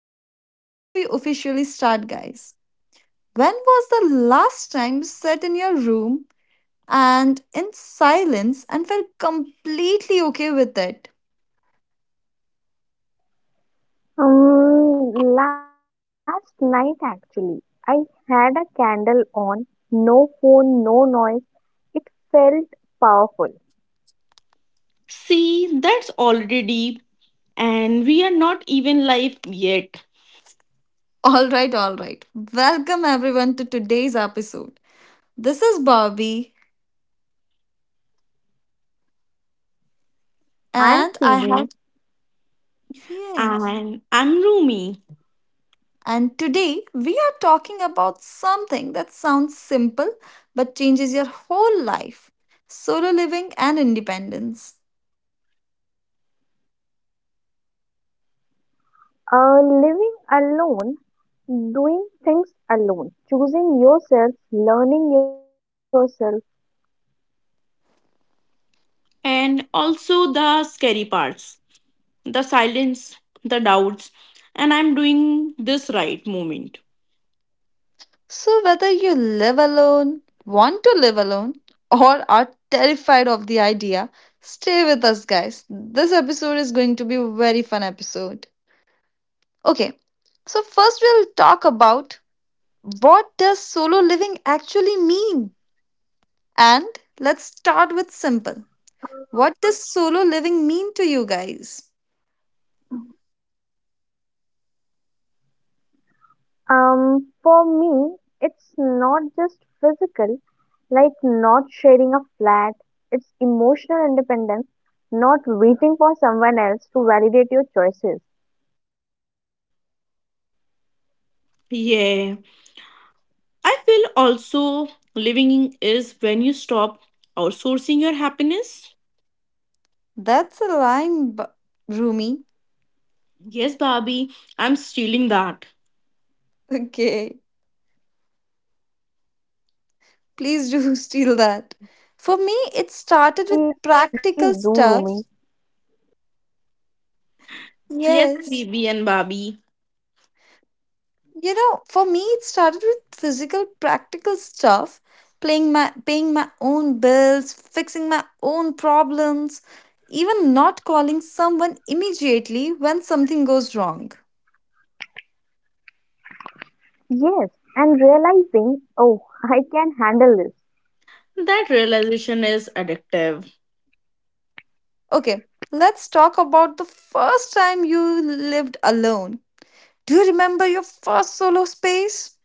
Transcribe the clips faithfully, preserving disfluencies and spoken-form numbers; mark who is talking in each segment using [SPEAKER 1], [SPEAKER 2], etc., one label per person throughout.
[SPEAKER 1] question before we officially start, guys. When was the last time you sat in your room and in silence and felt completely okay with it?
[SPEAKER 2] Um, last night actually, I had a candle on, no phone, no noise. It felt powerful.
[SPEAKER 3] See, that's already deep, and we are not even live yet.
[SPEAKER 1] All right, all right. Welcome everyone to today's episode. This is Bobby, and
[SPEAKER 2] I am
[SPEAKER 1] I have.
[SPEAKER 2] Phoebe.
[SPEAKER 1] Yes.
[SPEAKER 3] And I'm Rumi.
[SPEAKER 1] And today we are talking about something that sounds simple but changes your whole life: solo living and independence.
[SPEAKER 2] Uh, living alone, doing things alone, choosing yourself, learning yourself.
[SPEAKER 3] And also the scary parts, the silence, the doubts, and I'm doing this right moment.
[SPEAKER 1] So, whether you live alone, want to live alone, or are terrified of the idea, stay with us, guys. This episode is going to be a very fun episode. Okay, so first we'll talk about what does solo living actually mean? And let's start with simple. What does solo living mean to you guys?
[SPEAKER 2] Um, for me, it's not just physical, like not sharing a flat, it's emotional independence, not waiting for someone else to validate your choices.
[SPEAKER 3] Yeah. I feel also living is when you stop outsourcing your happiness.
[SPEAKER 1] That's a line, bu- Rumi.
[SPEAKER 3] Yes, Barbie, I'm stealing that.
[SPEAKER 1] Okay,
[SPEAKER 2] Please,
[SPEAKER 1] please do
[SPEAKER 2] please do,
[SPEAKER 1] steal that.
[SPEAKER 2] Rumi.
[SPEAKER 1] For me, it started with practical stuff.
[SPEAKER 3] Yes,
[SPEAKER 1] Yes.
[SPEAKER 3] Bibi and Barbie.
[SPEAKER 1] You know, for me, it started with physical, practical stuff, playing my, paying my own bills, fixing my own problems, even not calling someone immediately when something goes wrong.
[SPEAKER 2] Yes, and realizing, oh, I can handle this.
[SPEAKER 3] That realization is addictive.
[SPEAKER 1] Okay, let's talk about the first time you lived alone. Do you remember your first solo space?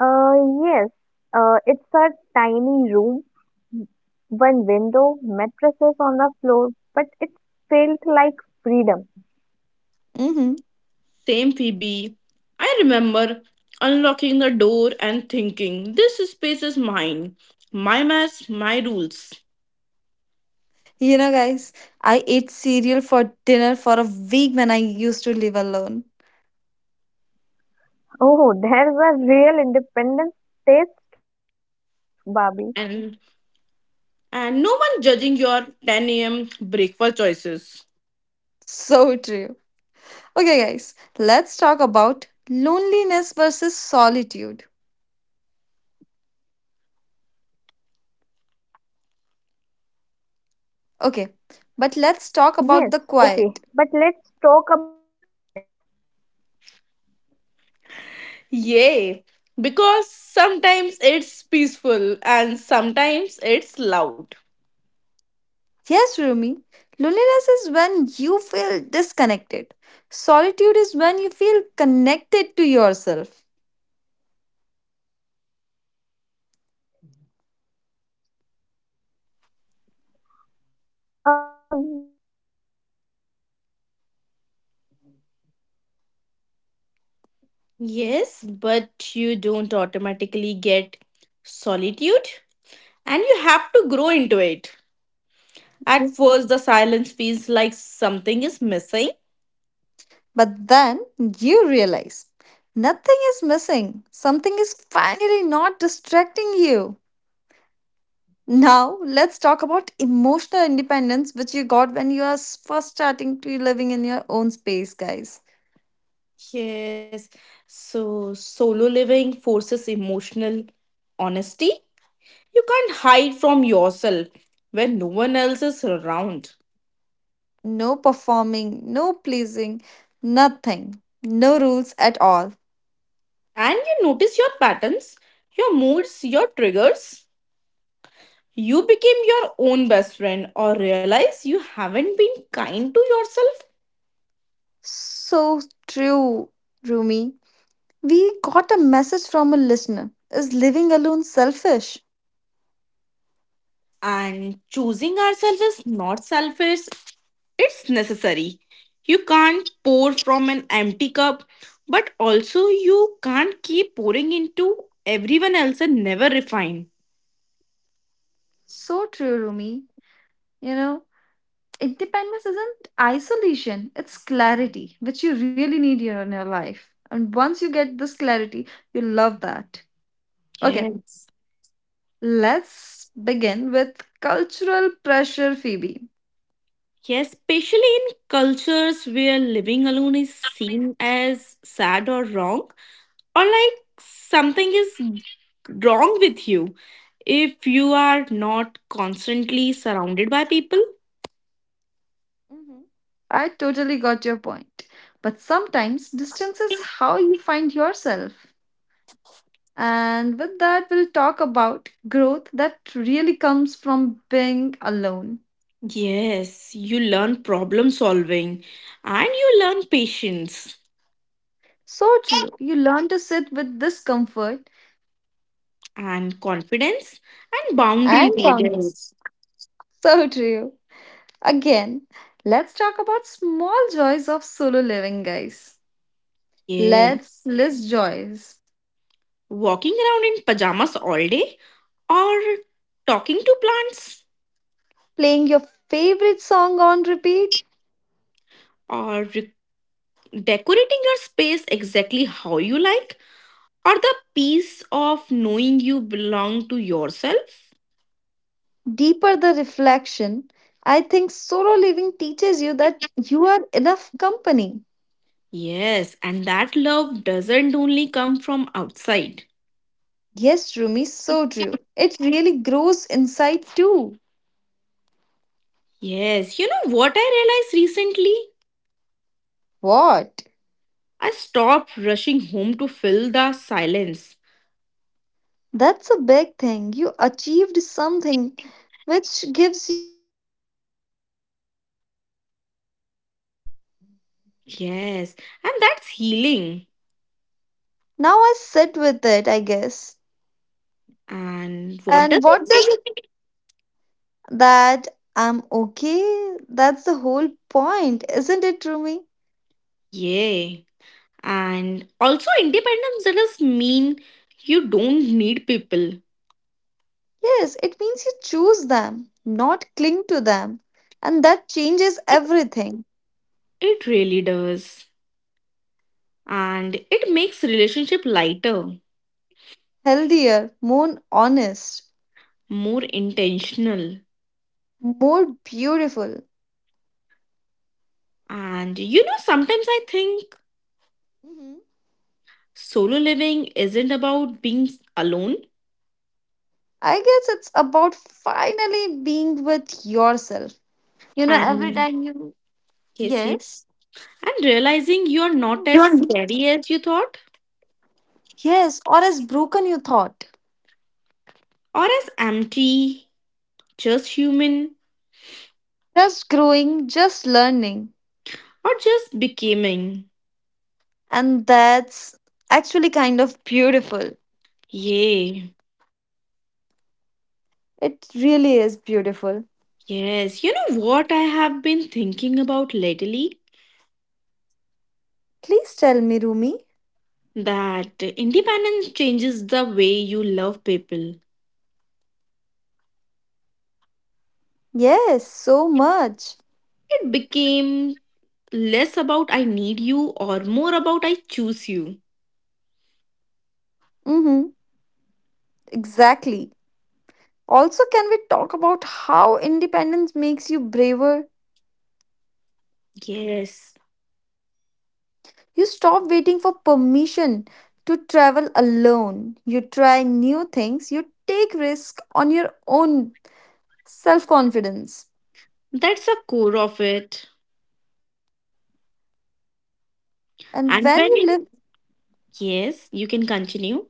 [SPEAKER 2] Uh, yes, uh, it's a tiny room, one window, mattresses on the floor, but it felt like freedom.
[SPEAKER 1] Mm-hmm.
[SPEAKER 3] Same Phoebe. I remember unlocking the door and thinking, this space is mine. My mess, my rules.
[SPEAKER 1] You know, guys, I ate cereal for dinner for a week when I used to live alone.
[SPEAKER 2] Oh, there's a real independence taste, Barbie.
[SPEAKER 3] And and no one judging your ten a m breakfast choices.
[SPEAKER 1] So true. Okay, guys, let's talk about loneliness versus solitude. Okay, but let's talk
[SPEAKER 2] Yes,
[SPEAKER 1] about the quiet.
[SPEAKER 2] okay, but let's talk about the quiet.
[SPEAKER 3] Yay! Because sometimes it's peaceful and sometimes it's loud.
[SPEAKER 1] Yes, Rumi, loneliness is when you feel disconnected, solitude is when you feel connected to yourself.
[SPEAKER 2] Um, but you don't automatically get solitude. You have to grow into it, I think, na?
[SPEAKER 3] Yes, but you don't automatically get solitude and you have to grow into it. At first, the silence feels like something is missing.
[SPEAKER 1] But then you realize nothing is missing, something is finally not distracting you. Now, let's talk about emotional independence, which you got when you are s- first starting to living in your own space, guys.
[SPEAKER 3] Yes. So solo living forces emotional honesty. You can't hide from yourself when no one else is around.
[SPEAKER 1] No performing, no pleasing, nothing. No rules at all.
[SPEAKER 3] And you notice your patterns, your moods, your triggers. You became your own best friend or realize you haven't been kind to yourself.
[SPEAKER 1] So true, Rumi. We got a message from a listener. Is living alone selfish?
[SPEAKER 3] And choosing ourselves is not selfish, it's necessary. You can't pour from an empty cup, but also you can't keep pouring into everyone else and never refine.
[SPEAKER 1] So true, Rumi. You know, independence isn't isolation, it's clarity, which you really need here in your life. And once you get this clarity, you love that. Okay,
[SPEAKER 3] Yes.
[SPEAKER 1] let's begin with cultural pressure, Phoebe.
[SPEAKER 3] Yes, especially in cultures where living alone is seen as sad or wrong, or like something is wrong with you if you are not constantly surrounded by people.
[SPEAKER 1] Mhm. I totally got your point. But sometimes distance is how you find yourself. And with that, we'll talk about growth that really comes from being alone.
[SPEAKER 3] Yes, you learn problem solving and you learn patience.
[SPEAKER 1] So true. You learn to sit with discomfort
[SPEAKER 3] And confidence and boundaries,
[SPEAKER 1] and, yeah,
[SPEAKER 3] I guess.
[SPEAKER 1] boundaries. So true. Again, let's talk about small joys of solo living, guys.
[SPEAKER 3] Yes.
[SPEAKER 1] Let's list joys.
[SPEAKER 3] Walking around in pajamas all day, or talking to plants,
[SPEAKER 1] Playing your favorite song on repeat,
[SPEAKER 3] or re- decorating your space exactly how you like, or the peace of knowing you belong to yourself.
[SPEAKER 1] deeper the reflection, I think solo living teaches you that you are enough company.
[SPEAKER 3] Yes, and that love doesn't only come from outside.
[SPEAKER 1] Yes, Rumi, so true. It really grows inside too.
[SPEAKER 3] Yes, you know what I realized recently?
[SPEAKER 1] What?
[SPEAKER 3] I stopped rushing home to fill the silence.
[SPEAKER 1] That's a big thing. You achieved something which gives you peace, Rumi.
[SPEAKER 3] Yes, and that's healing.
[SPEAKER 1] Now I sit with it, I guess.
[SPEAKER 3] And what does
[SPEAKER 1] And what
[SPEAKER 3] it
[SPEAKER 1] does it
[SPEAKER 3] mean?
[SPEAKER 1] that I'm okay? That's the whole point, isn't it, Rumi?
[SPEAKER 3] Yeah. And also, independence does mean you don't need people.
[SPEAKER 1] Yes, it means you choose them, not cling to them. And that changes everything.
[SPEAKER 3] It really does. And it makes relationship lighter,
[SPEAKER 1] Healthier, more honest,
[SPEAKER 3] more intentional.
[SPEAKER 1] more beautiful.
[SPEAKER 3] And you know, sometimes I think
[SPEAKER 1] Mhm.
[SPEAKER 3] solo living isn't about being alone.
[SPEAKER 1] I guess it's about finally being with yourself. You know, every
[SPEAKER 3] And
[SPEAKER 1] time you,
[SPEAKER 3] yes, yes.
[SPEAKER 1] yes,
[SPEAKER 3] And realizing you are not
[SPEAKER 1] you
[SPEAKER 3] as
[SPEAKER 1] don't,
[SPEAKER 3] scary as you thought,
[SPEAKER 1] yes, or as broken you thought.
[SPEAKER 3] or as empty, just human.
[SPEAKER 1] Just growing, just learning.
[SPEAKER 3] Or just becoming.
[SPEAKER 1] And that's actually kind of beautiful.
[SPEAKER 3] Yay.
[SPEAKER 1] It really is beautiful.
[SPEAKER 3] Yes, you know what I have been thinking about lately?
[SPEAKER 1] Please tell me, Rumi.
[SPEAKER 3] That independence changes the way you love people.
[SPEAKER 1] Yes, so much.
[SPEAKER 3] It became less about I need you or more about I choose you.
[SPEAKER 1] Mm-hmm, exactly. Also, can we talk about how independence makes you braver?
[SPEAKER 3] Yes,
[SPEAKER 1] You stop waiting for permission to travel alone. You try new things, you take risks on your own self-confidence.
[SPEAKER 3] that's the core of it.
[SPEAKER 1] And
[SPEAKER 3] And
[SPEAKER 1] when
[SPEAKER 3] when,
[SPEAKER 1] you live
[SPEAKER 3] yes, you can continue.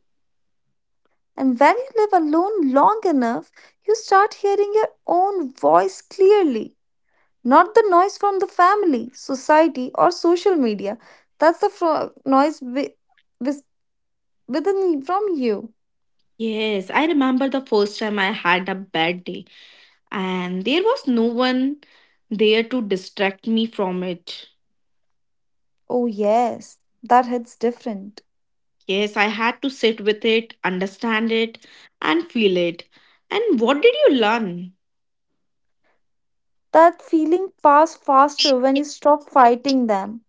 [SPEAKER 1] and when you live alone long enough, you start hearing your own voice clearly, not the noise from the family, society, or social media. That's the fro- noise wi- wis- within from you.
[SPEAKER 3] Yes, I remember the first time I had a bad day and there was no one there to distract me from it.
[SPEAKER 1] Oh yes, that hits different.
[SPEAKER 3] Yes, I had to sit with it, understand it, and feel it. And what did you learn?
[SPEAKER 1] That feeling pass faster when you stop fighting them.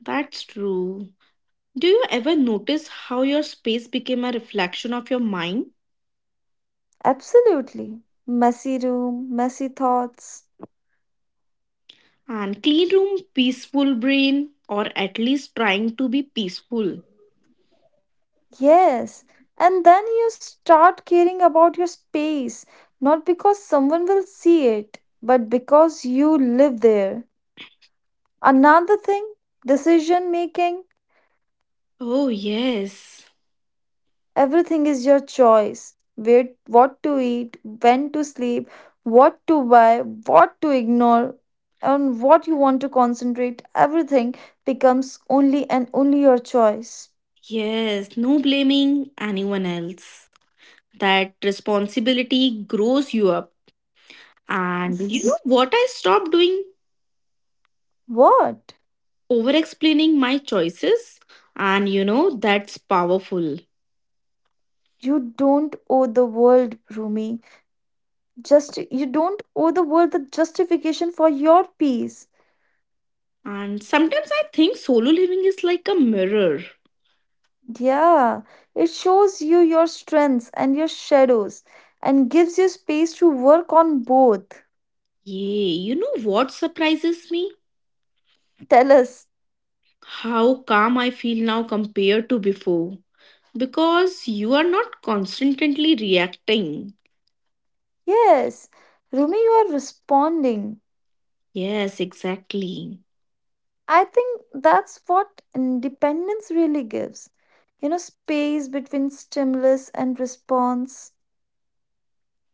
[SPEAKER 3] That's true. Do you ever notice how your space became a reflection of your mind?
[SPEAKER 1] Absolutely. Messy room, messy thoughts.
[SPEAKER 3] And clean room, peaceful brain, or at least trying to be peaceful.
[SPEAKER 1] Yes. And then you start caring about your space, not because someone will see it, but because you live there. Another thing, decision making.
[SPEAKER 3] Oh, yes.
[SPEAKER 1] Everything is your choice. Where, what to eat, when to sleep, what to buy, what to ignore, and what you want to concentrate. Everything becomes only and only your choice.
[SPEAKER 3] Yes, no blaming anyone else. That responsibility grows you up. And you know what I stopped doing?
[SPEAKER 1] What?
[SPEAKER 3] Over explaining my choices, and you know that's powerful.
[SPEAKER 1] You don't owe the world, Rumi. Just you don't owe the world the justification for your peace.
[SPEAKER 3] And sometimes I think solo living is like a mirror.
[SPEAKER 1] Yeah, it shows you your strengths and your shadows and gives you space to work on both.
[SPEAKER 3] Yeah, you know what surprises me?
[SPEAKER 1] Tell us.
[SPEAKER 3] How calm I feel now compared to before, because you are not constantly reacting.
[SPEAKER 1] Yes, Rumi, you are responding.
[SPEAKER 3] Yes, exactly.
[SPEAKER 1] I think that's what independence really gives. You know, space between stimulus and response.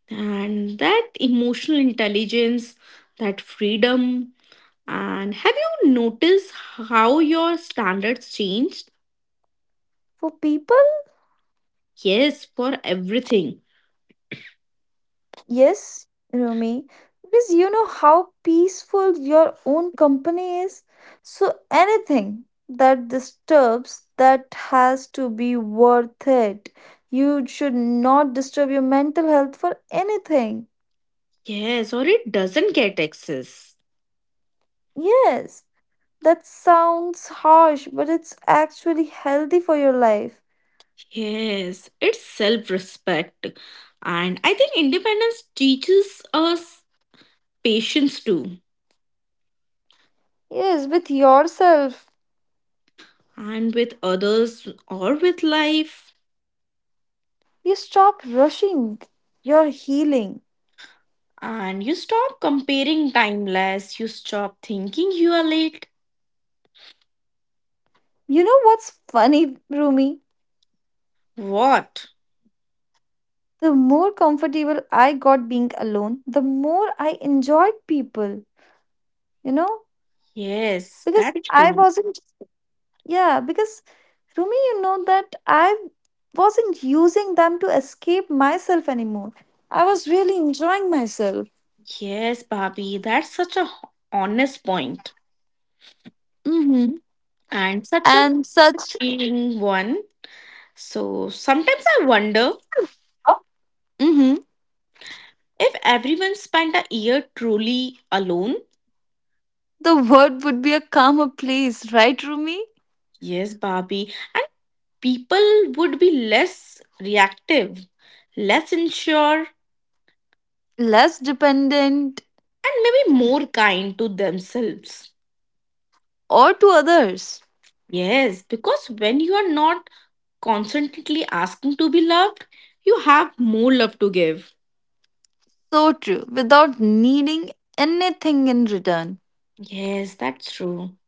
[SPEAKER 3] And that emotional intelligence, that freedom. And have you noticed how your standards changed?
[SPEAKER 1] For people,
[SPEAKER 3] Yes, for everything.
[SPEAKER 1] yes, Rumi, because you know how peaceful your own company is. So anything that disturbs that has to be worth it. You should not disturb your mental health for anything.
[SPEAKER 3] Yes, or it doesn't get access.
[SPEAKER 1] Yes. That sounds harsh, but it's actually healthy for your life.
[SPEAKER 3] Yes, it's self respect. And I think independence teaches us patience too,
[SPEAKER 1] Yes, with yourself.
[SPEAKER 3] and with others or with life.
[SPEAKER 1] You stop rushing. You're healing.
[SPEAKER 3] And you stop comparing timeless, you stop thinking you are late.
[SPEAKER 1] You know what's funny, Rumi?
[SPEAKER 3] What?
[SPEAKER 1] The more comfortable I got being alone, the more I enjoyed people, you know?
[SPEAKER 3] Yes,
[SPEAKER 1] Because
[SPEAKER 3] that's
[SPEAKER 1] I
[SPEAKER 3] true.
[SPEAKER 1] wasn't, yeah, because Rumi, you know that I wasn't using them to escape myself anymore. I was really enjoying myself.
[SPEAKER 3] Yes, Bobby, that's such a honest point
[SPEAKER 1] Mm-hmm.
[SPEAKER 3] and such a
[SPEAKER 1] And such
[SPEAKER 3] feeling one. So sometimes I wonder
[SPEAKER 1] hmm
[SPEAKER 3] if everyone spent a year truly alone.
[SPEAKER 1] The world would be a calmer place, right, Rumi?
[SPEAKER 3] Yes, Barbie, and people would be less reactive, less unsure,
[SPEAKER 1] Less dependent
[SPEAKER 3] and maybe more kind to themselves.
[SPEAKER 1] or to others.
[SPEAKER 3] Yes, because when you are not constantly asking to be loved, you have more love to give.
[SPEAKER 1] So true, without needing anything in return.
[SPEAKER 3] Yes, that's true.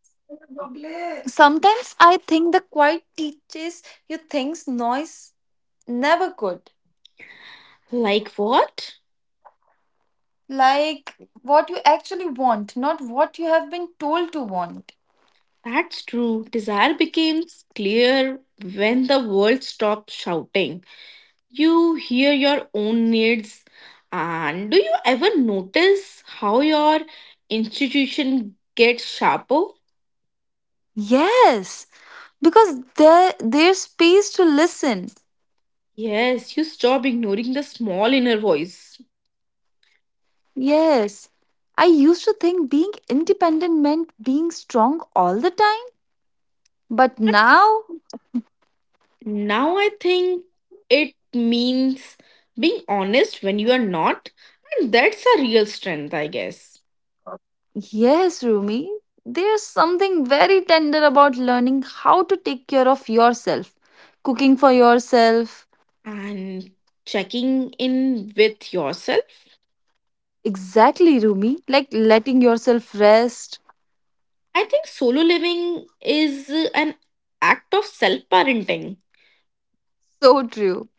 [SPEAKER 1] Sometimes I think the quiet teaches you things noise never could.
[SPEAKER 3] Like what?
[SPEAKER 1] Like what you actually want, not what you have been told to want.
[SPEAKER 3] That's true. Desire becomes clear when the world stops shouting. You hear your own needs. And do you ever notice how your institution gets sharper?
[SPEAKER 1] Yes, because there there's space to listen.
[SPEAKER 3] Yes, you stop ignoring the small inner voice.
[SPEAKER 1] Yes, I used to think being independent meant being strong all the time. But now,
[SPEAKER 3] Now I think it means being honest when you are not, and that's a real strength, I guess.
[SPEAKER 1] yes, Rumi, there's something very tender about learning how to take care of yourself, cooking for yourself.
[SPEAKER 3] And checking in with yourself.
[SPEAKER 1] Exactly, Rumi, like letting yourself rest.
[SPEAKER 3] I think solo living is an act of self parenting.
[SPEAKER 1] So true.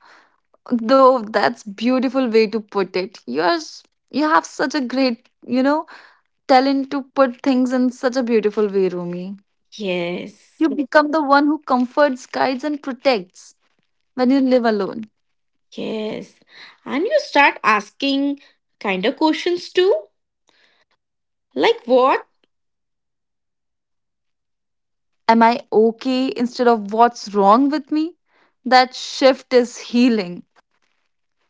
[SPEAKER 1] Though that's beautiful way to put it. You're s- you have such a great, you know, talent to put things in such a beautiful way, Rumi. You
[SPEAKER 3] Yes.
[SPEAKER 1] become the one who comforts, guides, and protects when you live alone.
[SPEAKER 3] Yes. And you start asking kind of questions too. Like what?
[SPEAKER 1] Am I okay instead of what's wrong with me? That shift is healing.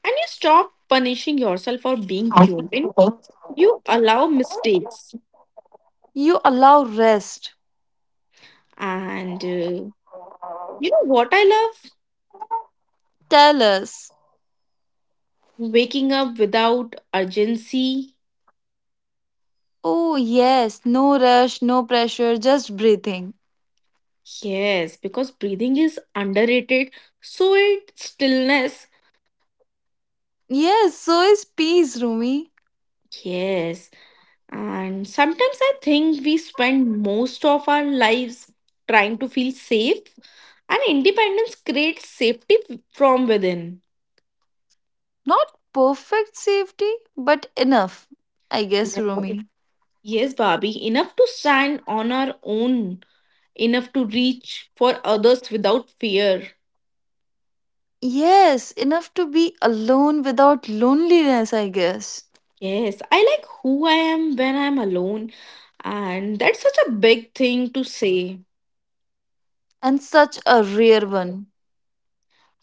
[SPEAKER 3] And you stop punishing yourself for being human. You allow mistakes.
[SPEAKER 1] You allow rest.
[SPEAKER 3] And uh, you know what I love?
[SPEAKER 1] Tell us.
[SPEAKER 3] Waking up without urgency.
[SPEAKER 1] Oh, yes, no rush, no pressure, just breathing.
[SPEAKER 3] Yes, because breathing is underrated. So it stillness.
[SPEAKER 1] Yes, so is peace, Rumi.
[SPEAKER 3] Yes. And sometimes I think we spend most of our lives trying to feel safe, and independence creates safety from within.
[SPEAKER 1] Not perfect safety, but enough, I guess, Rumi.
[SPEAKER 3] Yes, Barbie, enough to stand on our own, enough to reach for others without fear.
[SPEAKER 1] Yes, enough to be alone without loneliness, I guess.
[SPEAKER 3] Yes, I like who I am when I'm alone, and that's such a big thing to say.
[SPEAKER 1] And such a rare one.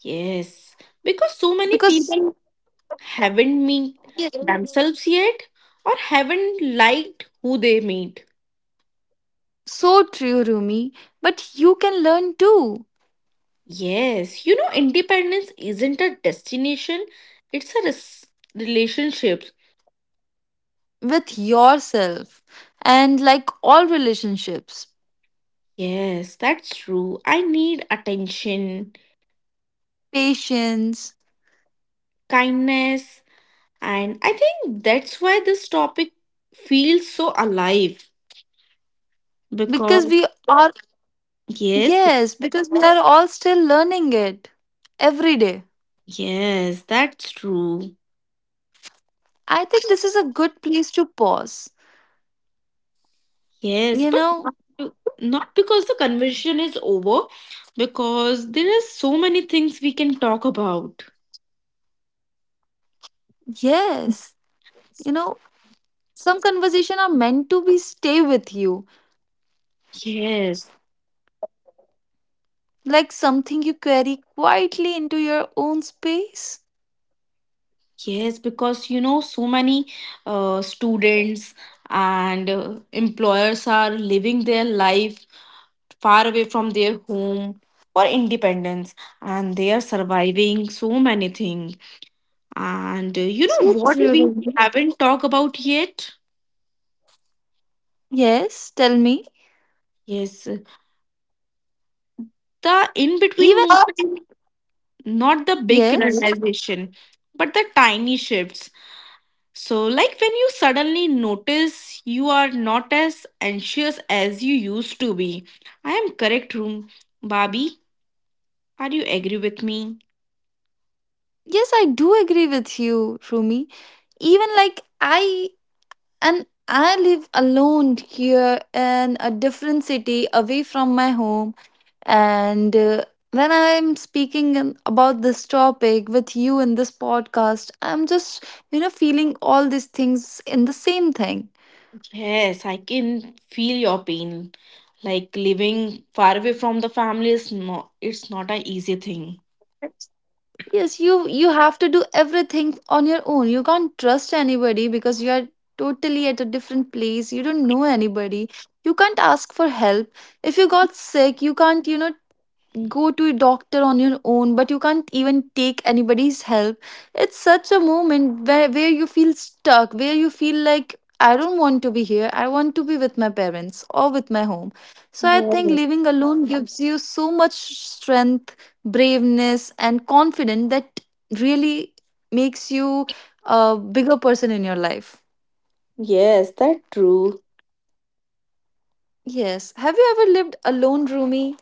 [SPEAKER 3] Yes, because so many
[SPEAKER 1] Because
[SPEAKER 3] people haven't met
[SPEAKER 1] yes,
[SPEAKER 3] themselves yet or haven't liked who they meet.
[SPEAKER 1] so true, Rumi. But you can learn too
[SPEAKER 3] Yes, you know, independence isn't a destination, it's a res- relationship.
[SPEAKER 1] with yourself and like all relationships,
[SPEAKER 3] Yes, that's true. I need attention,
[SPEAKER 1] patience.
[SPEAKER 3] kindness, and I think that's why this topic feels so alive
[SPEAKER 1] Because
[SPEAKER 3] because
[SPEAKER 1] we are,
[SPEAKER 3] yes, be-
[SPEAKER 1] yes, because we are all still learning it every day.
[SPEAKER 3] yes, that's true.
[SPEAKER 1] I think this is a good place to pause.
[SPEAKER 3] Yes,
[SPEAKER 1] You
[SPEAKER 3] but
[SPEAKER 1] know,
[SPEAKER 3] you- not because the conversation is over, because there are so many things we can talk about.
[SPEAKER 1] yes, you know, some conversation are meant to be stay with you,
[SPEAKER 3] Yes.
[SPEAKER 1] like something you carry quietly into your own space.
[SPEAKER 3] Yes, because you know, so many uh, students and uh, employers are living their life far away from their home for independence, and they are surviving so many things. And uh, you know
[SPEAKER 1] So
[SPEAKER 3] what we
[SPEAKER 1] true.
[SPEAKER 3] haven't talked about yet?
[SPEAKER 1] Yes, tell me.
[SPEAKER 3] Yes, the in between
[SPEAKER 1] Even
[SPEAKER 3] movement, not the big
[SPEAKER 1] yes,
[SPEAKER 3] realization, but the tiny shifts. So, like when you suddenly notice you are not as anxious as you used to be. I am correct, Room. Barbie, are you agree with me?
[SPEAKER 1] yes, I do agree with you, Rumi. Even like I and I live alone here in a different city away from my home, and uh, when I'm speaking in- about this topic with you in this podcast, I'm just you know feeling all these things in the same thing.
[SPEAKER 3] Yes, I can feel your pain. Like living far away from the family is not it's not an easy thing.
[SPEAKER 1] Yes, you you have to do everything on your own. You can't trust anybody because you are totally at a different place. You don't know anybody. You can't ask for help. If you got sick, you can't, you know, go to a doctor on your own, but you can't even take anybody's help. It's such a moment where, where you feel stuck, where you feel like I don't want to be here, I want to be with my parents or with my home. So I think
[SPEAKER 3] Yes.
[SPEAKER 1] living alone gives you so much strength, braveness, and confidence that really makes you a bigger person in your life.
[SPEAKER 3] Yes, that's true.
[SPEAKER 1] Yes, have you ever lived alone, Rumi?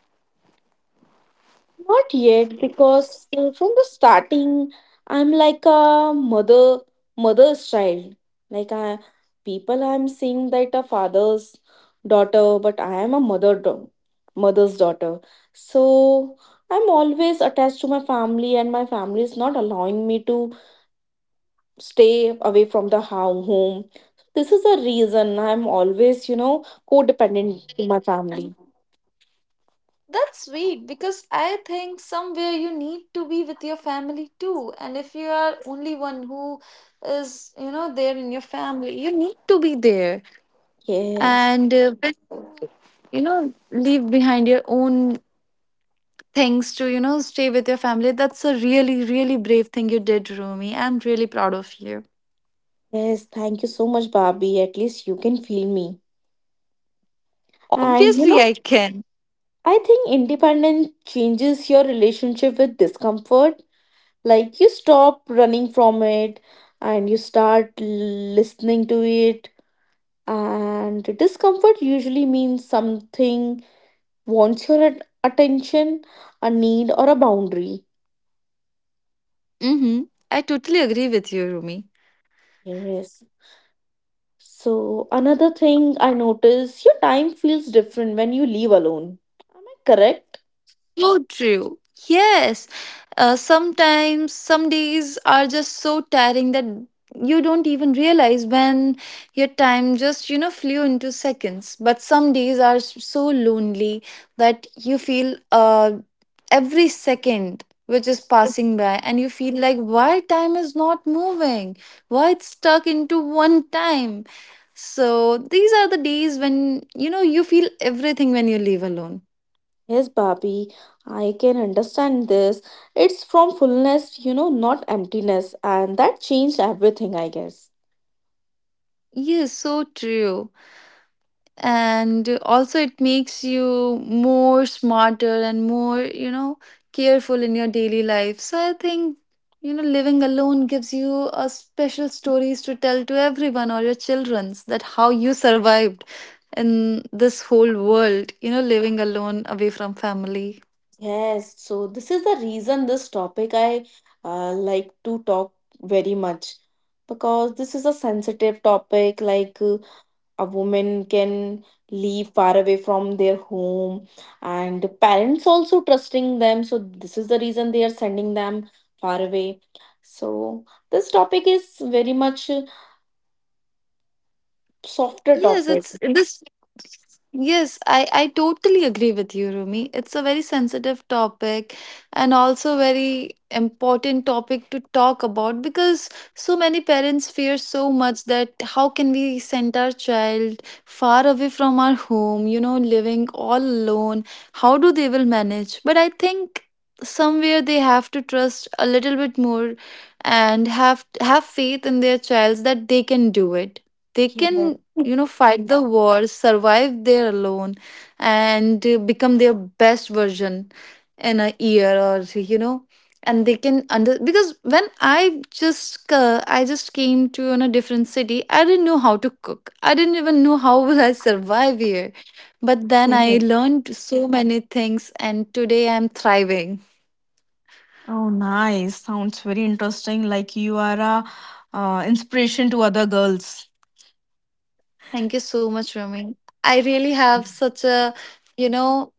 [SPEAKER 3] Not yet, because uh, from the starting, I'm like a mother, mother's child. Like I, people I'm seeing that a father's daughter, but I am a mother, do- mother's daughter. So I'm always attached to my family, and my family is not allowing me to stay away from the hou- home. This is the reason I'm always, you know, codependent to my family.
[SPEAKER 1] That's sweet because I think somewhere you need to be with your family too. And if you are only one who is, you know, there in your family, you need to be there
[SPEAKER 3] Yes.
[SPEAKER 1] and, uh, you know, leave behind your own things to, you know, stay with your family. That's a really, really brave thing you did, Rumi. I'm really proud of you.
[SPEAKER 3] Yes, thank you so much, Barbie. At least you can feel me. And you know,
[SPEAKER 1] Obviously, I can.
[SPEAKER 3] I think independence changes your relationship with discomfort. Like you stop running from it and you start listening to it. And discomfort usually means something wants your at- attention, a need, or a boundary.
[SPEAKER 1] Mm-hmm. I totally agree with you, Rumi.
[SPEAKER 3] Yes. So, another thing I notice your time feels different when you leave alone. Am I correct?
[SPEAKER 1] So true. Yes. Uh, sometimes, some days are just so tiring that you don't even realize when your time just, you know, flew into seconds. But some days are s- so lonely that you feel uh, every second which is passing by, and you feel like why time is not moving, why it's stuck into one time. So these are the days when you know you feel everything when you live alone.
[SPEAKER 3] Yes, Bobby, I can understand this. It's from fullness, you know, not emptiness, and that changed everything, I guess.
[SPEAKER 1] Yes, so true. And also it makes you more smarter and more, you know careful in your daily life. So I think, you know living alone gives you a special stories to tell to everyone or your children's that how you survived in this whole world, you know living alone away from family.
[SPEAKER 3] Yes, so this is the reason this topic I uh, like to talk very much because this is a sensitive topic. Like, uh, a woman can live far away from their home, and parents also trusting them, so this is the reason they are sending them far away. So this topic is very much a softer
[SPEAKER 1] Yes,
[SPEAKER 3] topic.
[SPEAKER 1] it's this. Yes, I, I totally agree with you, Rumi. It's a very sensitive topic and also very important topic to talk about because so many parents fear so much that how can we send our child far away from our home, you know, living all alone? How do they will manage? But I think somewhere they have to trust a little bit more and have have faith in their child that they can do it, they
[SPEAKER 3] Yeah.
[SPEAKER 1] can, you know, fight the wars, survive there alone, and uh, become their best version in a year or you know. And they can under because when i just uh, i just came to in a different city, I didn't know how to cook, I didn't even know how will I survive here. But then
[SPEAKER 3] Yeah.
[SPEAKER 1] I learned so many things and today I'm thriving.
[SPEAKER 3] Oh, nice. Sounds very interesting. Like you are a uh, inspiration to other girls.
[SPEAKER 1] Thank you so much, Rumi. I really have such a, you know,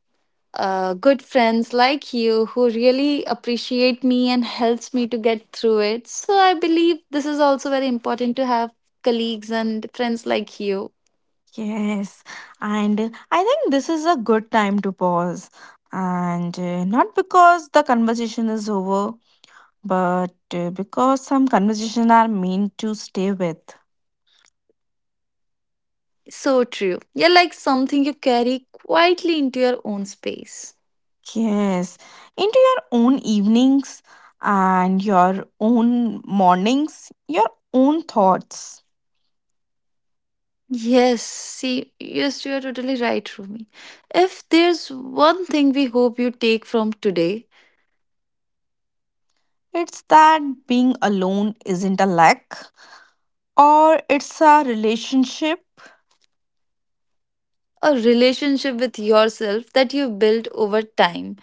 [SPEAKER 1] uh, good friends like you who really appreciate me and helps me to get through it. So I believe this is also very important to have colleagues and friends like you.
[SPEAKER 3] Yes, and I think this is a good time to pause, and uh, not because the conversation is over, but uh, because some conversations are meant to stay with.
[SPEAKER 1] So true. You're like something you carry quietly into your own space.
[SPEAKER 3] Yes, into your own evenings and your own mornings, your own thoughts.
[SPEAKER 1] Yes, see, yes, you are totally right, Rumi. If there's one thing we hope you take from today,
[SPEAKER 3] It's that being alone isn't a lack, or it's a relationship.
[SPEAKER 1] a relationship with yourself that you build over time.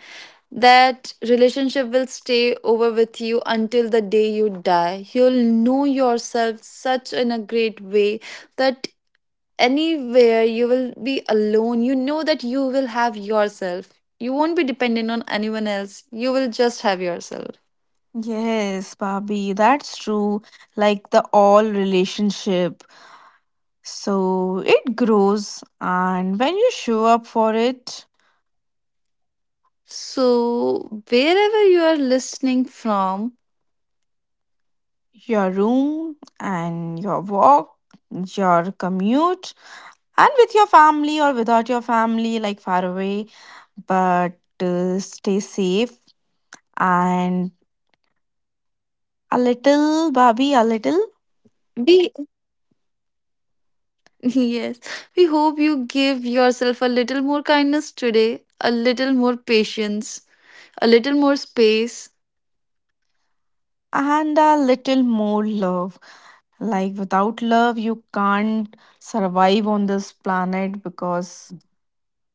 [SPEAKER 1] That relationship will stay over with you until the day you die. You'll know yourself such in a great way that anywhere you will be alone, you know that you will have yourself. You won't be dependent on anyone else. You will just have yourself.
[SPEAKER 3] Yes, Bobby, that's true. Like the all relationship. So it grows, and when you show up for it,
[SPEAKER 1] So, wherever you are listening from,
[SPEAKER 3] your room and your walk, your commute, and with your family or without your family, like far away. But uh, stay safe and a little, Bobby, a little,
[SPEAKER 1] be yes, we hope you give yourself a little more kindness today, a little more patience, a little more space.
[SPEAKER 3] and a little more love. Like without love, you can't survive on this planet, because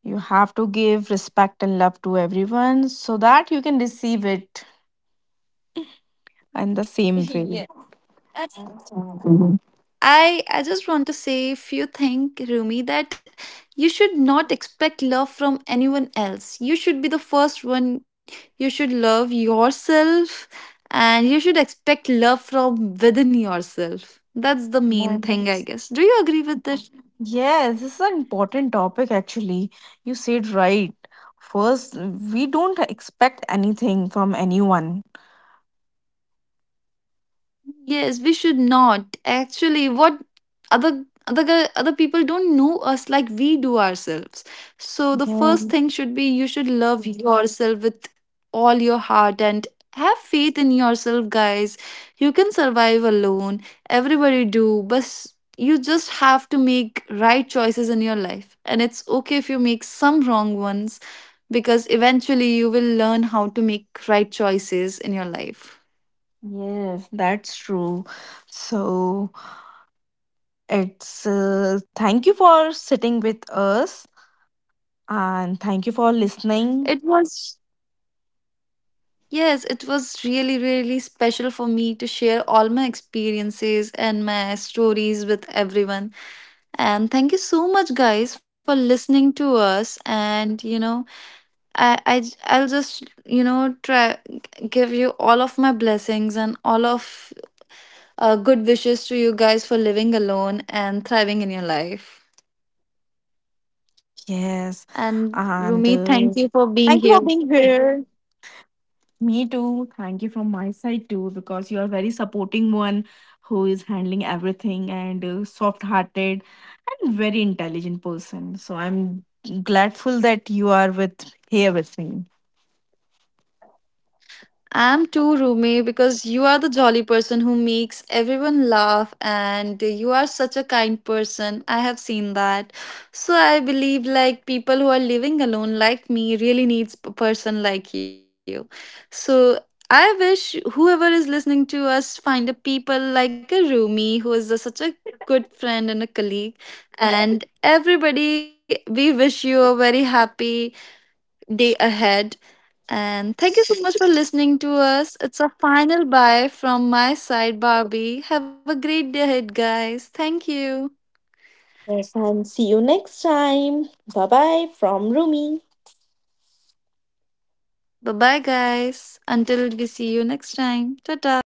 [SPEAKER 3] you have to give respect and love to everyone so that you can receive it in the same
[SPEAKER 1] Yes.
[SPEAKER 3] way.
[SPEAKER 1] I I just want to say, if you think, Rumi, that you should not expect love from anyone else. You should be the first one. You should love yourself and you should expect love from within yourself. That's the main thing, I
[SPEAKER 3] Yes.
[SPEAKER 1] guess. Do you agree with this?
[SPEAKER 3] Yes, this is an important topic actually. You said right. First, we don't expect anything from anyone.
[SPEAKER 1] Yes, we should not. Actually, what other other gu- other people don't know us like we do ourselves. So the
[SPEAKER 3] Yeah.
[SPEAKER 1] first thing should be you should love yourself with all your heart and have faith in yourself, guys. You can survive alone. Everybody do, but you just have to make right choices in your life. And it's okay if you make some wrong ones because eventually you will learn how to make right choices in your life.
[SPEAKER 3] Yes, that's true. So, it's uh, thank you for sitting with us and thank you for listening.
[SPEAKER 1] It was, yes, it was really, really special for me to share all my experiences and my stories with everyone. And thank you so much, guys, for listening to us. And you know, I, I j- I'll just, you know, try give you all of my blessings and all of uh, good wishes to you guys for living alone and thriving in your life.
[SPEAKER 3] Yes, and
[SPEAKER 1] And
[SPEAKER 3] uh,
[SPEAKER 1] Rumi,
[SPEAKER 3] thank
[SPEAKER 1] thank
[SPEAKER 3] you
[SPEAKER 1] you
[SPEAKER 3] for
[SPEAKER 1] for
[SPEAKER 3] being
[SPEAKER 1] being here.
[SPEAKER 3] here. Me too. Thank you from my side too, because you are very supporting one who is handling everything, and uh, soft-hearted and very intelligent person. So I'm gladful that you are with here with me.
[SPEAKER 1] I'm too, Rumi, because you are the jolly person who makes everyone laugh, and you are such a kind person. I have seen that. So I believe like people who are living alone like me really needs a person like you. So I wish whoever is listening to us find a people like a Rumi who is a, such a good friend and a colleague. And everybody, we wish you a very happy day ahead. And thank you so much for listening to us. It's a final bye from my side, Barbie. Have a great day ahead, guys. Thank you.
[SPEAKER 3] Yes, and see you next time. Bye bye from Rumi.
[SPEAKER 1] Bye bye, guys. Until we see you next time. Ta ta.